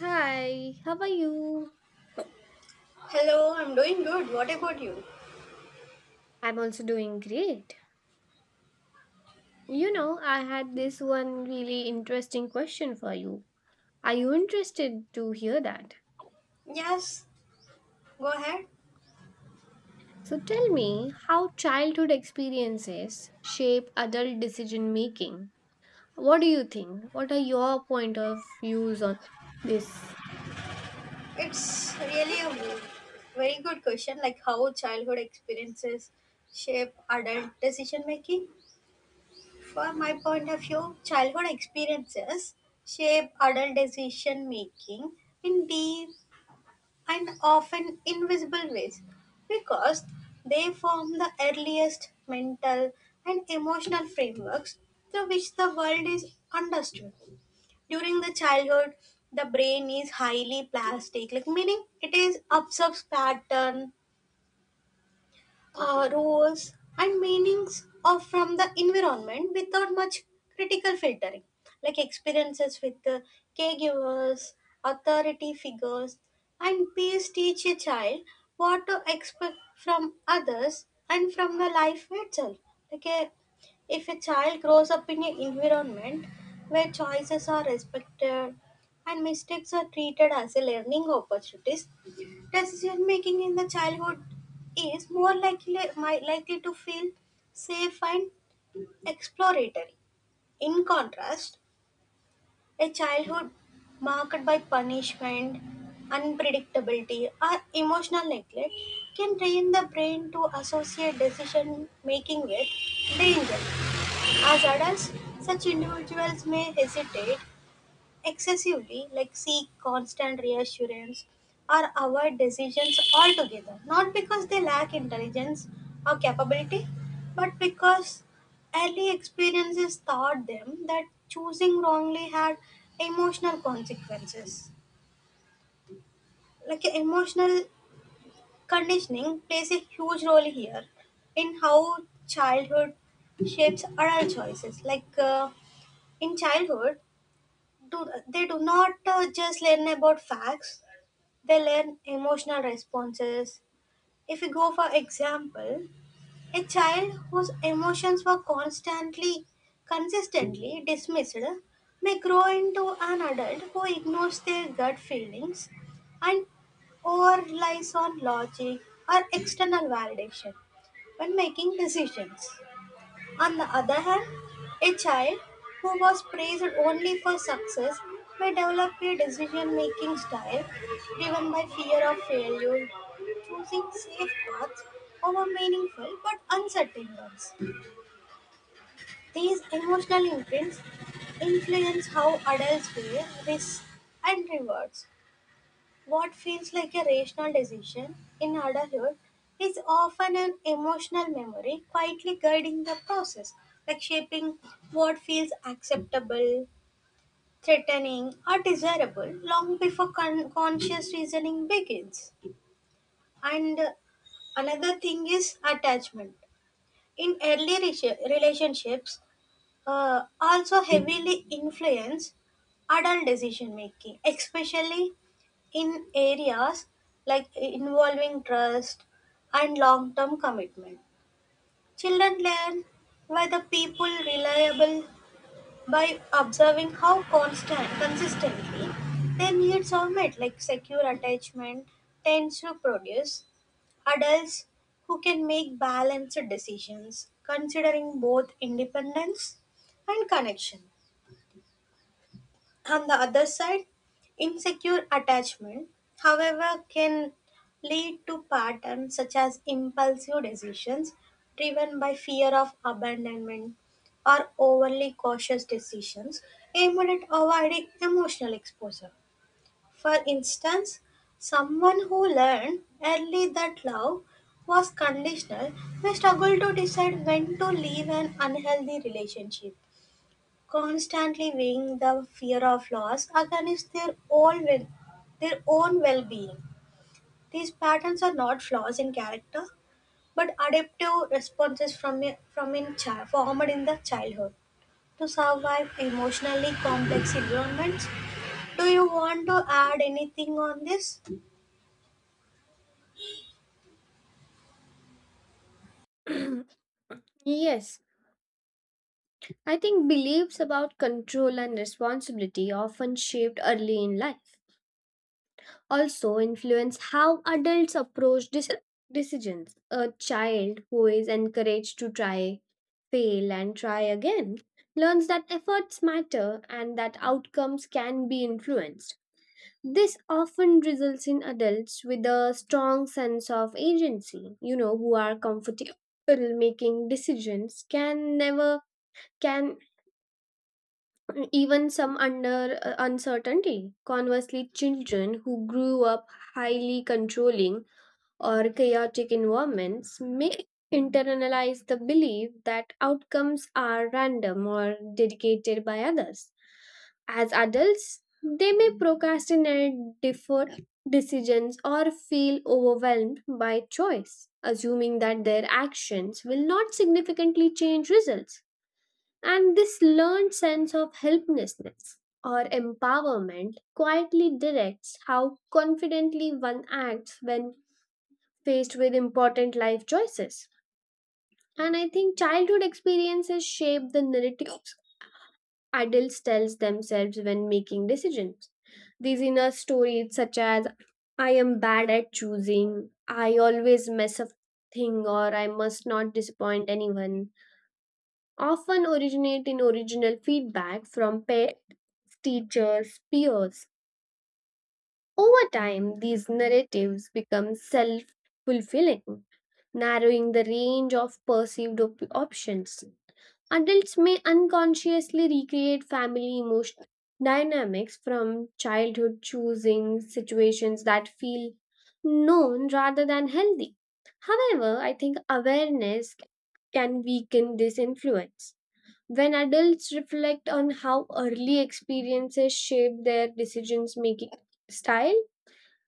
Hi, how are you? Hello, I'm doing good. What about you? I'm also doing great. You know, I had this one really interesting question for you. Are you interested to hear that? Yes, go ahead. So tell me how childhood experiences shape adult decision making. What do you think? What are your point of views on this? It's really a very good question, like how childhood experiences shape adult decision making. From my point of view, childhood experiences shape adult decision making in deep and often invisible ways because they form the earliest mental and emotional frameworks through which the world is understood. During the childhood, the brain is highly plastic, like meaning it is absorbs pattern, rules and meanings of from the environment without much critical filtering. Like experiences with the caregivers, authority figures, and peers teach a child what to expect from others and from the life itself. like a, if a child grows up in an environment where choices are respected and mistakes are treated as a learning opportunities, decision making in the childhood is more likely, likely to feel safe and exploratory. In contrast, a childhood marked by punishment, unpredictability, or emotional neglect can train the brain to associate decision making with danger. As adults, such individuals may hesitate excessively, like seek constant reassurance or avoid decisions altogether, not because they lack intelligence or capability, but because early experiences taught them that choosing wrongly had emotional consequences. Like emotional conditioning plays a huge role here in how childhood shapes adult choices. In childhood, they do not just learn about facts. They learn emotional responses. If you go, for example, a child whose emotions were consistently dismissed may grow into an adult who ignores their gut feelings and or relies on logic or external validation when making decisions. On the other hand, a child who was praised only for success may develop a decision making style driven by fear of failure, choosing safe paths over meaningful but uncertain ones. These emotional imprints influence how adults weigh risks and rewards. What feels like a rational decision in adulthood is often an emotional memory quietly guiding the process, like shaping what feels acceptable, threatening, or desirable long before conscious reasoning begins. And Another thing is attachment. In early relationships, also heavily influence adult decision making, especially in areas like involving trust and long term commitment. Children learn by the people reliable by observing how constant consistently their needs are met. Like secure attachment tends to produce adults who can make balanced decisions considering both independence and connection. On the other side, insecure attachment, however, can lead to patterns such as impulsive decisions driven by fear of abandonment or overly cautious decisions aimed at avoiding emotional exposure. For instance, someone who learned early that love was conditional may struggle to decide when to leave an unhealthy relationship, constantly weighing the fear of loss against their own well-being. These patterns are not flaws in character, but adaptive responses from a, from in child, formed in the childhood to survive emotionally complex environments. Do you want to add anything on this? Yes, I think beliefs about control and responsibility often shaped early in life also influence how adults approach decisions. A child who is encouraged to try, fail, and try again learns that efforts matter and that outcomes can be influenced. This often results in adults with a strong sense of agency, you know, who are comfortable making decisions, can never can even some under uncertainty. Conversely, children who grew up highly controlling or chaotic environments may internalize the belief that outcomes are random or dictated by others. As adults, they may procrastinate, defer decisions, or feel overwhelmed by choice, assuming that their actions will not significantly change results. And this learned sense of helplessness or empowerment quietly directs how confidently one acts when faced with important life choices. And I think childhood experiences shape the narratives adults tells themselves when making decisions. These inner stories, such as I am bad at choosing, I always mess up thing, or I must not disappoint anyone, often originate in original feedback from parents, teachers, peers. Over time, these narratives become self fulfilling, narrowing the range of perceived options. Adults may unconsciously recreate family emotional dynamics from childhood, choosing situations that feel known rather than healthy. However, I think awareness can weaken this influence. When adults reflect on how early experiences shape their decisions making style,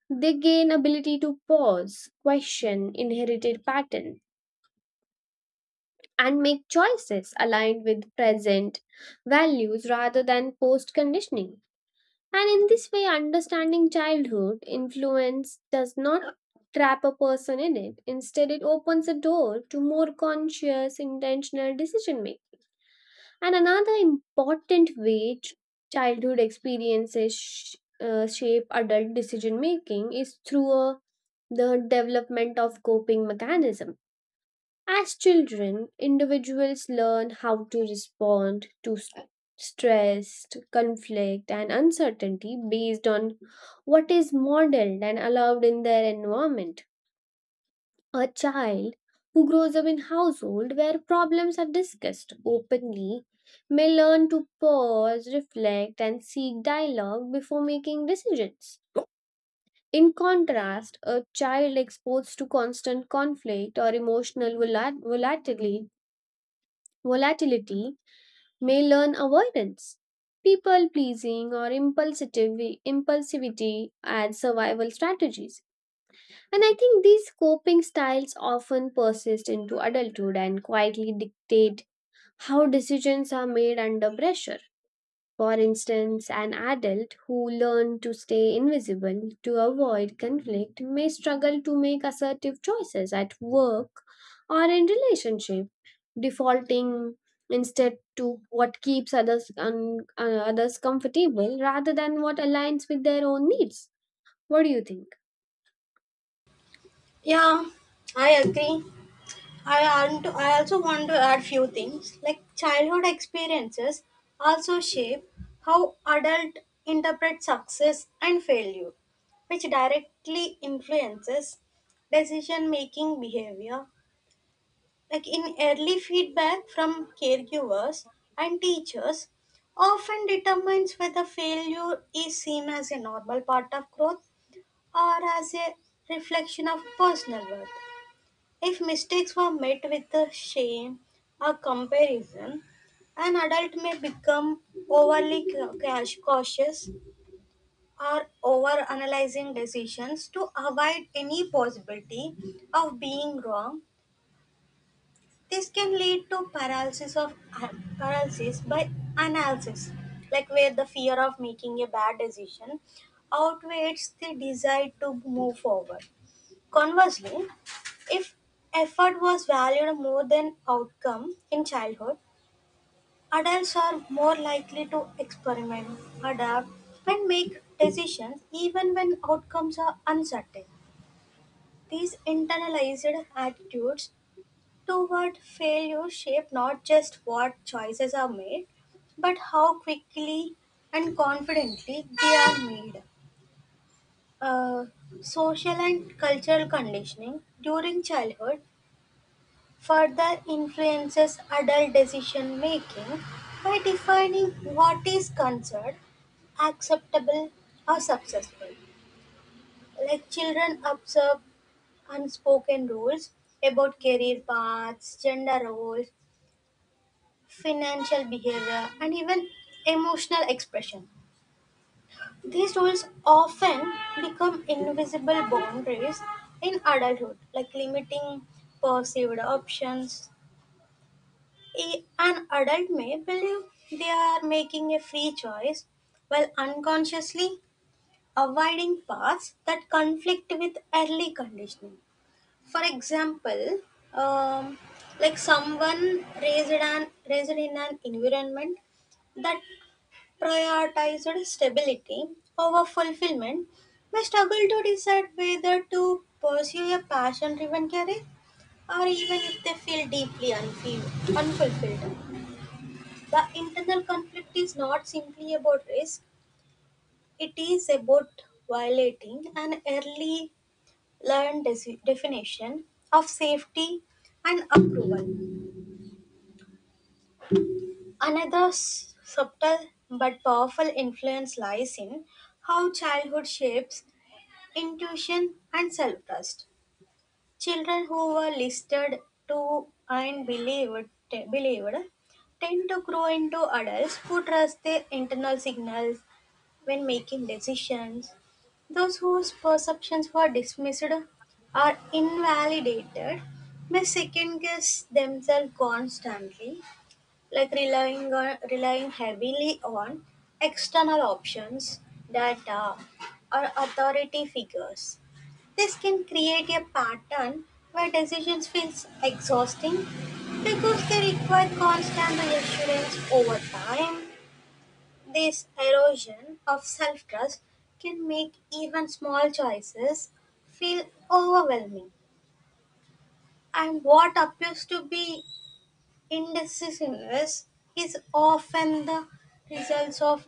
they gain ability to pause, question inherited patterns, and make choices aligned with present values rather than post conditioning. And in this way, understanding childhood influence does not trap a person in it. Instead, it opens a door to more conscious, intentional decision making. And another important way childhood experiences shape adult decision making is through the development of coping mechanism. As children, individuals learn how to respond to stress, to conflict, and uncertainty based on what is modeled and allowed in their environment. A child who grows up in household where problems are discussed openly may learn to pause, reflect, and seek dialogue before making decisions. In contrast, a child exposed to constant conflict or emotional volatility, volatility, may learn avoidance, people pleasing, or impulsivity as survival strategies. And I think these coping styles often persist into adulthood and quietly dictate how decisions are made under pressure. For instance, an adult who learned to stay invisible to avoid conflict may struggle to make assertive choices at work or in relationships, defaulting instead to what keeps others comfortable rather than what aligns with their own needs. What do you think? Yeah, I agree. I also want to add few things, like childhood experiences also shape how adult interpret success and failure, which directly influences decision making behavior. Like in early feedback from caregivers and teachers often determines whether failure is seen as a normal part of growth or as a reflection of personal worth. If mistakes were met with a shame or comparison, an adult may become overly cautious or over analyzing decisions to avoid any possibility of being wrong. This can lead to paralysis by analysis, like where the fear of making a bad decision outweighs the desire to move forward. Conversely, if effort was valued more than outcome in childhood, adults are more likely to experiment, adapt, and make decisions even when outcomes are uncertain. These internalized attitudes toward failure shape not just what choices are made, but how quickly and confidently they are made. Uh, Social and cultural conditioning during childhood further influences adult decision making by defining what is considered acceptable or successful. Like children observe unspoken rules about career paths, gender roles, financial behavior, and even emotional expression. These rules often become invisible boundaries in adulthood, like limiting perceived options. An adult may believe they are making a free choice while unconsciously avoiding paths that conflict with early conditioning. For example, um, like raised in an environment that prioritized stability over fulfillment may struggle to decide whether to pursue a passion driven career, or even if they feel deeply unfulfilled. The internal conflict is not simply about risk, it is about violating an early learned definition of safety and approval. Another subtle but powerful influence lies in how childhood shapes intuition and self trust. Children who were listed to and believed tend to grow into adults who trust their internal signals when making decisions. Those whose perceptions were dismissed or invalidated may second guess themselves constantly, like relying heavily on external options, data, or authority figures. This can create a pattern where decisions feels exhausting because they require constant reassurance over time. This erosion of self-trust can make even small choices feel overwhelming, and what appears to be indecisiveness is often the results of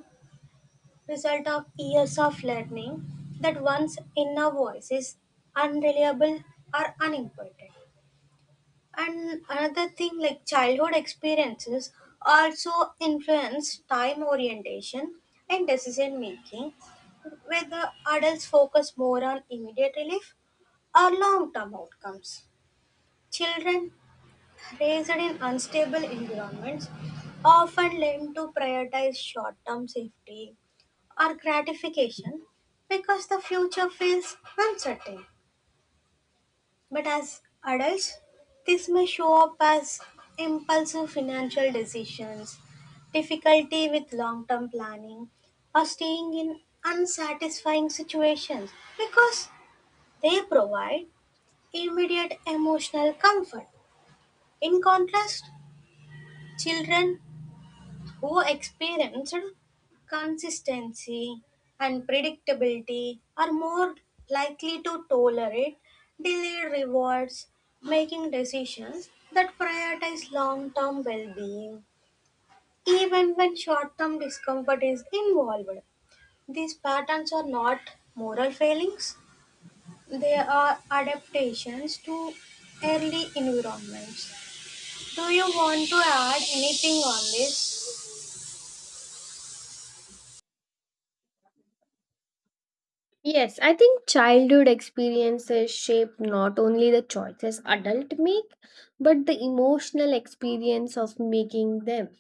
result of years of learning that one's inner voice is unreliable or unimportant. And another thing, like childhood experiences also influence time orientation and decision making, whether adults focus more on immediate relief or long term outcomes. Children raised in unstable environments often learn to prioritize short term safety or gratification because the future feels uncertain. But as adults, this may show up as impulsive financial decisions, difficulty with long term planning, or staying in unsatisfying situations because they provide immediate emotional comfort. In contrast, children who experienced consistency and predictability are more likely to tolerate delayed rewards, making decisions that prioritize long term well being, even when short term discomfort is involved. These patterns are not moral failings, they are adaptations to early environments. Do you want to add anything on this? Yes, I think childhood experiences shape not only the choices adults make, but the emotional experience of making them.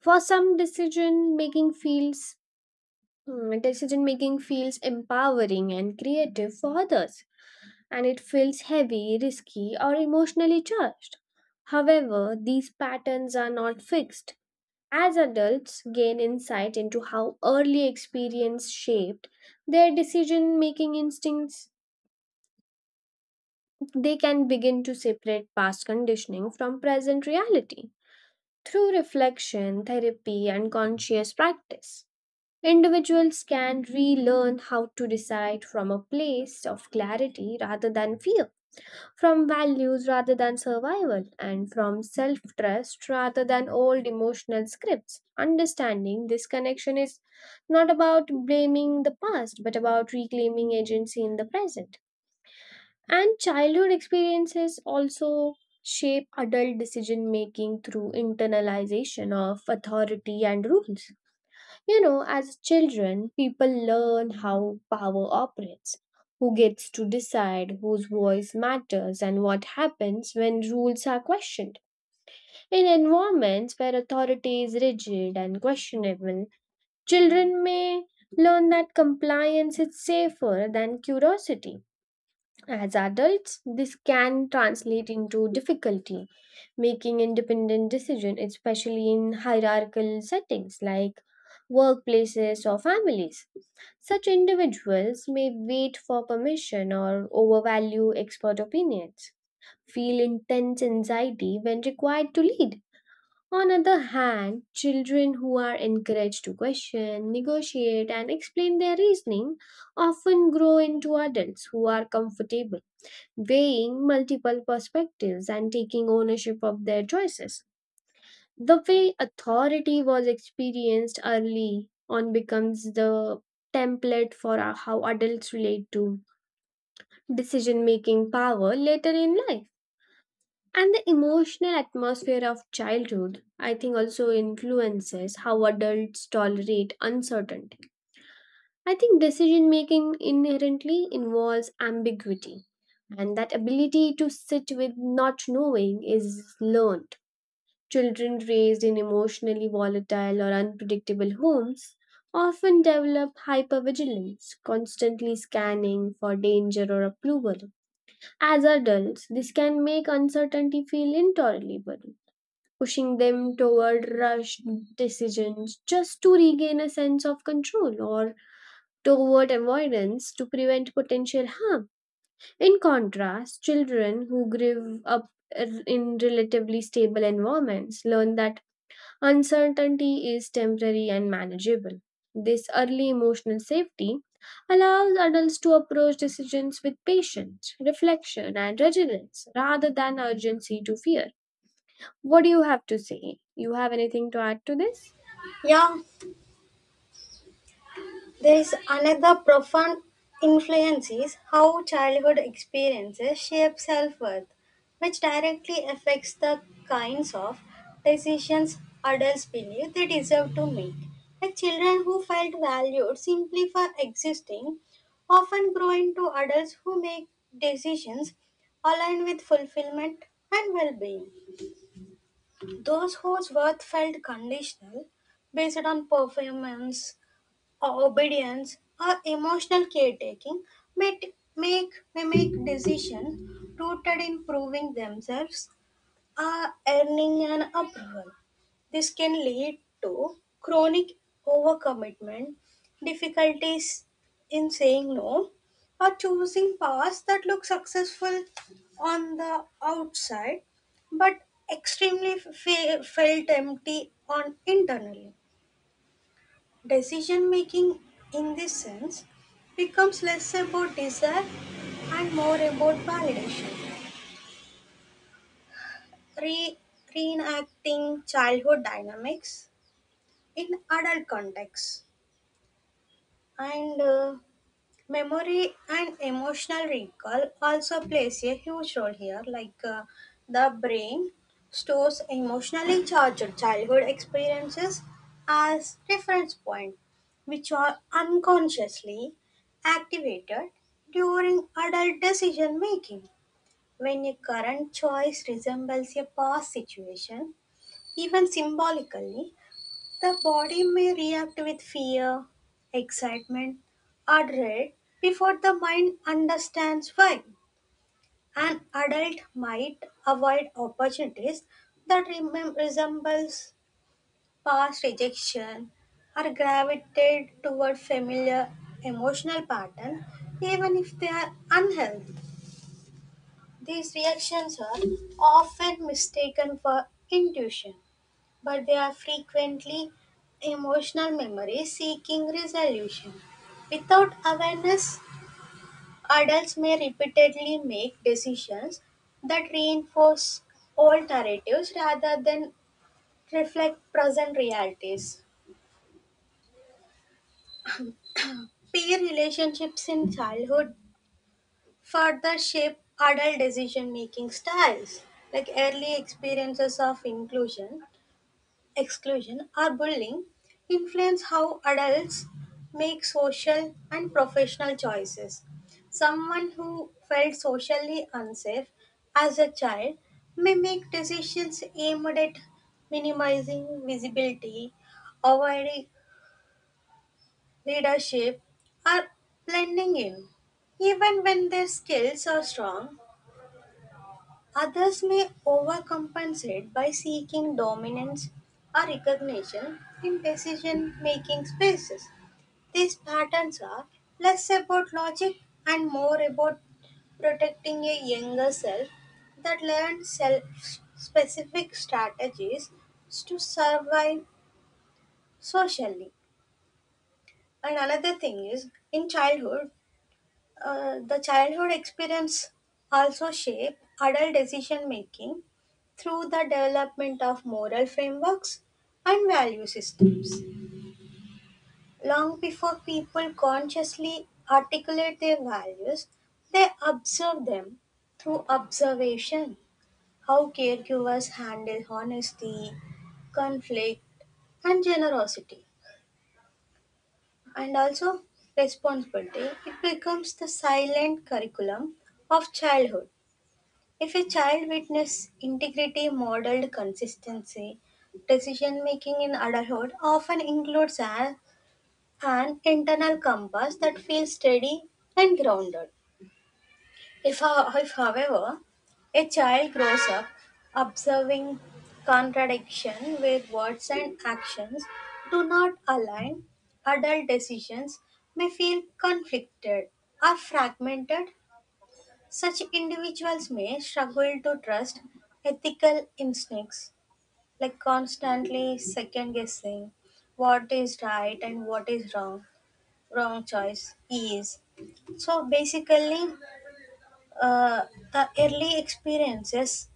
For some, decision making feels empowering and creative. For others, and it feels heavy, risky, or emotionally charged. However, these patterns are not fixed. As adults gain insight into how early experience shaped their decision making instincts, they can begin to separate past conditioning from present reality. Through reflection, therapy, and conscious practice, individuals can relearn how to decide from a place of clarity rather than fear, from values rather than survival, and from self trust rather than old emotional scripts. Understanding this connection is not about blaming the past, but about reclaiming agency in the present. And childhood experiences also shape adult decision making through internalization of authority and rules. You know, as children, people learn how power operates, who gets to decide, whose voice matters, and what happens when rules are questioned. In environments where authority is rigid and questionable, children may learn that compliance is safer than curiosity. As adults, this can translate into difficulty making independent decisions, especially in hierarchical settings like workplaces or families. Such individuals may wait for permission or overvalue expert opinions, feel intense anxiety when required to lead. On other hand, children who are encouraged to question, negotiate, and explain their reasoning often grow into adults who are comfortable weighing multiple perspectives and taking ownership of their choices. The way authority was experienced early on becomes the template for how adults relate to decision making power later in life. And the emotional atmosphere of childhood, I think, also influences how adults tolerate uncertainty. I think decision making inherently involves ambiguity, and that ability to sit with not knowing is learned. Children raised in emotionally volatile or unpredictable homes often develop hypervigilance, constantly scanning for danger or approval. As adults, this can make uncertainty feel intolerable, pushing them toward rushed decisions just to regain a sense of control, or toward avoidance to prevent potential harm. In contrast, children who grew up in relatively stable environments learn that uncertainty is temporary and manageable. This early emotional safety allows adults to approach decisions with patience, reflection, and resilience rather than urgency to fear. What do you have to say? You have anything to add to this? Yeah, there is another profound influence is how childhood experiences shape self-worth, which directly affects the kinds of decisions adults believe they deserve to make. Like children who felt valued simply for existing often grow into adults who make decisions aligned with fulfillment and well-being. Those whose worth felt conditional based on performance, obedience, or emotional caretaking may make decisions rooted in proving themselves or earning an approval. This can lead to chronic overcommitment, difficulties in saying no, or choosing paths that look successful on the outside but extremely felt empty on internally. Decision making, in this sense, becomes less about desire and more about validation. Re- Reenacting childhood dynamics in adult context. And Memory and emotional recall also plays a huge role here, like the brain stores emotionally charged childhood experiences as reference point, which are unconsciously activated during adult decision making. When a current choice resembles a past situation, even symbolically, the body may react with fear, excitement, or dread before the mind understands why. An adult might avoid opportunities that resembles past rejection, or gravitate toward familiar emotional patterns even if they are unhealthy. These reactions are often mistaken for intuition, but they are frequently emotional memories seeking resolution. Without awareness, adults may repeatedly make decisions that reinforce old narratives rather than reflect present realities. Peer relationships in childhood further shape adult decision making styles. Like early experiences of inclusion, exclusion, or bullying influence how adults make social and professional choices. Someone who felt socially unsafe as a child may make decisions aimed at minimizing visibility, avoiding leadership, or blending in, even when their skills are strong. Others may overcompensate by seeking dominance or recognition in decision making spaces. These patterns are less about logic and more about protecting a younger self that learned self specific strategies to survive socially. And another thing is in childhood, the childhood experience also shape adult decision making through the development of moral frameworks and value systems. Long before people consciously articulate their values, they observe them through observation. How caregivers handle honesty, conflict, and generosity, and also responsibility, it becomes the silent curriculum of childhood. If a child witnessed integrity modeled consistency, decision making in adulthood often includes an internal compass that feels steady and grounded. If, however, a child grows up observing contradiction where words and actions do not align, adult decisions may feel conflicted or fragmented. Such individuals may struggle to trust ethical instincts, like constantly second guessing what is right and what is wrong, wrong choice is. So basically, uh, the early experiences,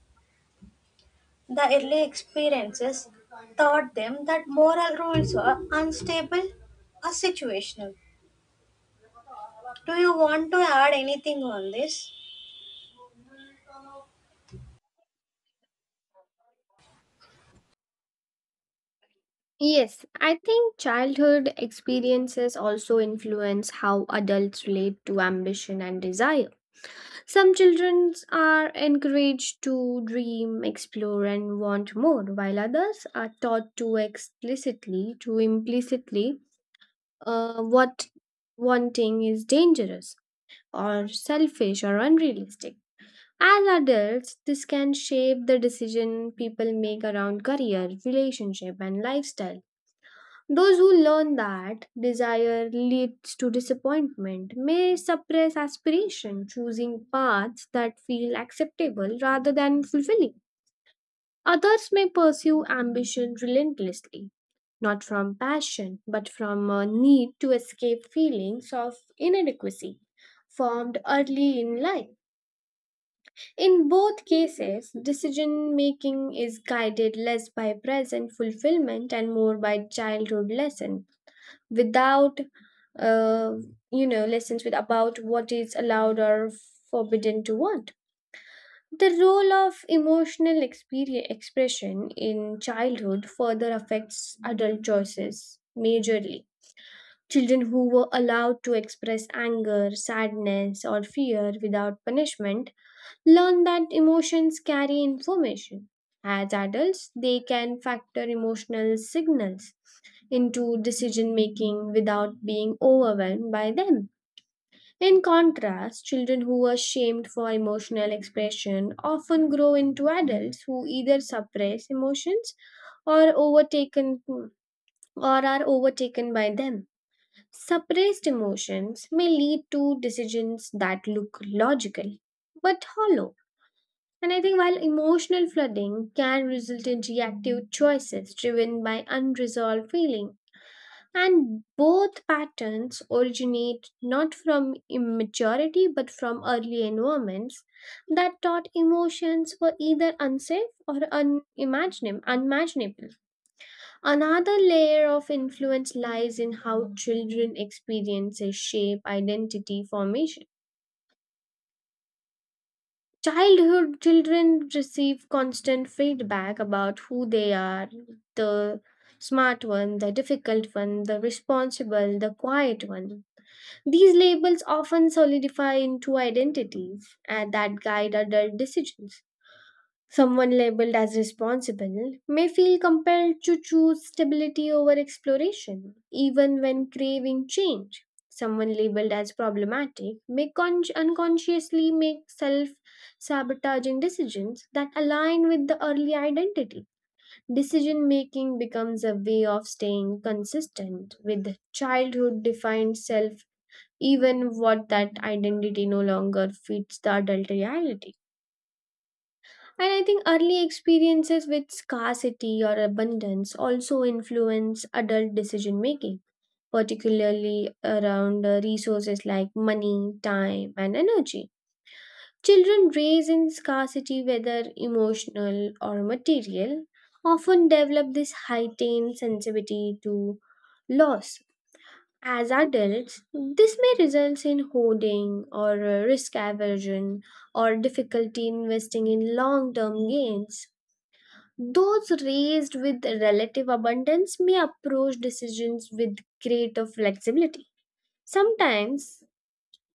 the early experiences taught them that moral rules are unstable or situational. Do you want to add anything on this? Yes, I think childhood experiences also influence how adults relate to ambition and desire. Some children are encouraged to dream, explore, and want more, while others are taught to explicitly, to implicitly, what wanting is dangerous, or selfish, or unrealistic. As adults, this can shape the decision people make around career, relationship, and lifestyle. Those who learn that desire leads to disappointment may suppress aspiration, choosing paths that feel acceptable rather than fulfilling. Others may pursue ambition relentlessly, not from passion, but from a need to escape feelings of inadequacy formed early in life. In both cases, decision making is guided less by present fulfillment and more by childhood lessons without, uh, you know, lessons with about what is allowed or forbidden to what. The role of emotional experience, expression in childhood further affects adult choices majorly. Children who were allowed to express anger, sadness, or fear without punishment learn that emotions carry information. As adults, they can factor emotional signals into decision making without being overwhelmed by them. In contrast, children who are shamed for emotional expression often grow into adults who either suppress emotions or overtaken or are overtaken by them. Suppressed emotions may lead to decisions that look logical but hollow. And I think while emotional flooding can result in reactive choices driven by unresolved feelings, and both patterns originate not from immaturity but from early environments that taught emotions were either unsafe or unimaginable. Another layer of influence lies in how children experiences shape identity formation. Childhood children receive constant feedback about who they are, the smart one, the difficult one, the responsible, the quiet one. These labels often solidify into identities and that guide adult decisions. Someone labeled as responsible may feel compelled to choose stability over exploration, even when craving change. Someone labeled as problematic may unconsciously make self sabotaging decisions that align with the early identity. Decision making becomes a way of staying consistent with childhood defined self even what that identity no longer fits the adult reality. And I think early experiences with scarcity or abundance also influence adult decision making, particularly around resources like money, time, and energy. Children raised in scarcity, whether emotional or material, often develop this heightened sensitivity to loss. As adults, this may result in hoarding, or risk aversion, or difficulty investing in long term gains. Those raised with relative abundance may approach decisions with greater flexibility, sometimes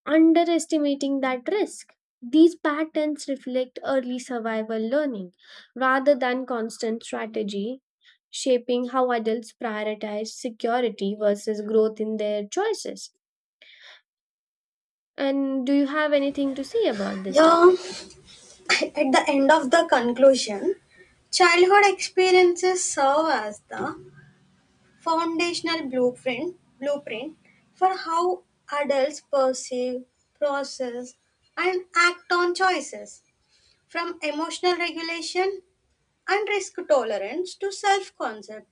underestimating that risk. These patterns reflect early survival learning rather than constant strategy, shaping how adults prioritize security versus growth in their choices. And do you have anything to say about this Yeah, topic? at the end of the conclusion, childhood experiences serve as the foundational blueprint for how adults perceive, process, and act on choices, from emotional regulation and risk tolerance to self concept,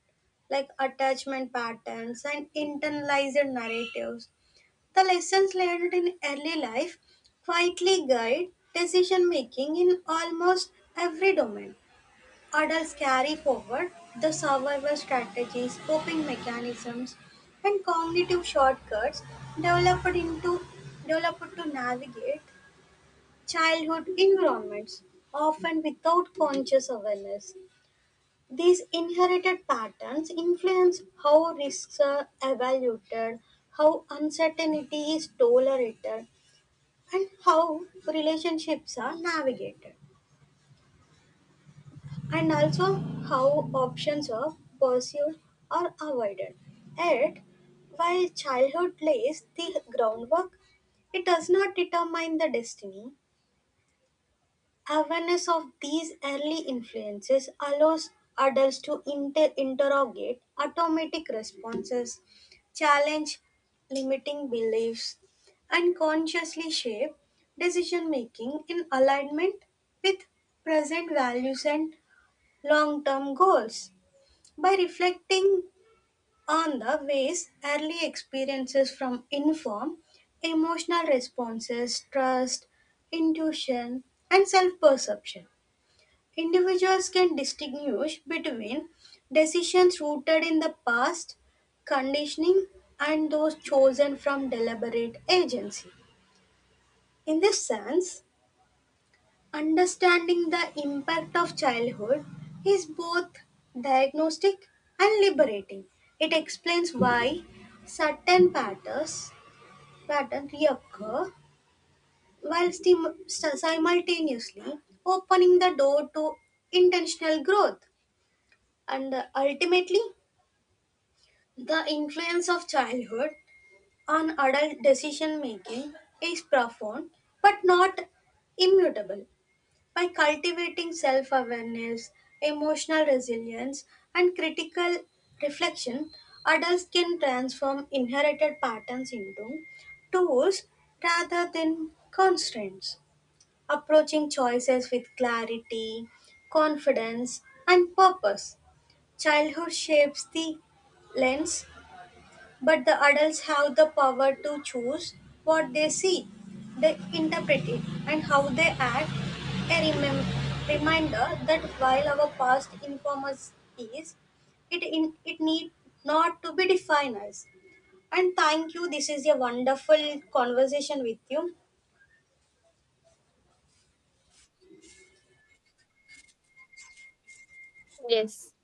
like attachment patterns and internalized narratives. The lessons learned in early life quietly guide decision making in almost every domain. Adults carry forward the survival strategies, coping mechanisms, and cognitive shortcuts developed into developed to navigate childhood environments, often without conscious awareness. These inherited patterns influence how risks are evaluated, how uncertainty is tolerated, and how relationships are navigated, and also how options are pursued or avoided. Yet, while childhood lays the groundwork, it does not determine the destiny. Awareness of these early influences allows adults to interrogate automatic responses, challenge limiting beliefs, and consciously shape decision making in alignment with present values and long term goals. By reflecting on the ways early experiences from inform emotional responses, trust, intuition, and self perception, individuals can distinguish between decisions rooted in the past conditioning and those chosen from deliberate agency. In this sense, understanding the impact of childhood is both diagnostic and liberating. It explains why certain patterns, patterns reoccur, while simultaneously opening the door to intentional growth. And ultimately the influence of childhood on adult decision making is profound but not immutable. By cultivating self-awareness, emotional resilience, and critical reflection, adults can transform inherited patterns into tools rather than constraints, approaching choices with clarity, confidence, and purpose. Childhood shapes the lens, but the adults have the power to choose what they see, they interpret it, and how they act. A reminder that while our past informs is, it need not to be defined as. And thank you. This is a wonderful conversation with you. Yes,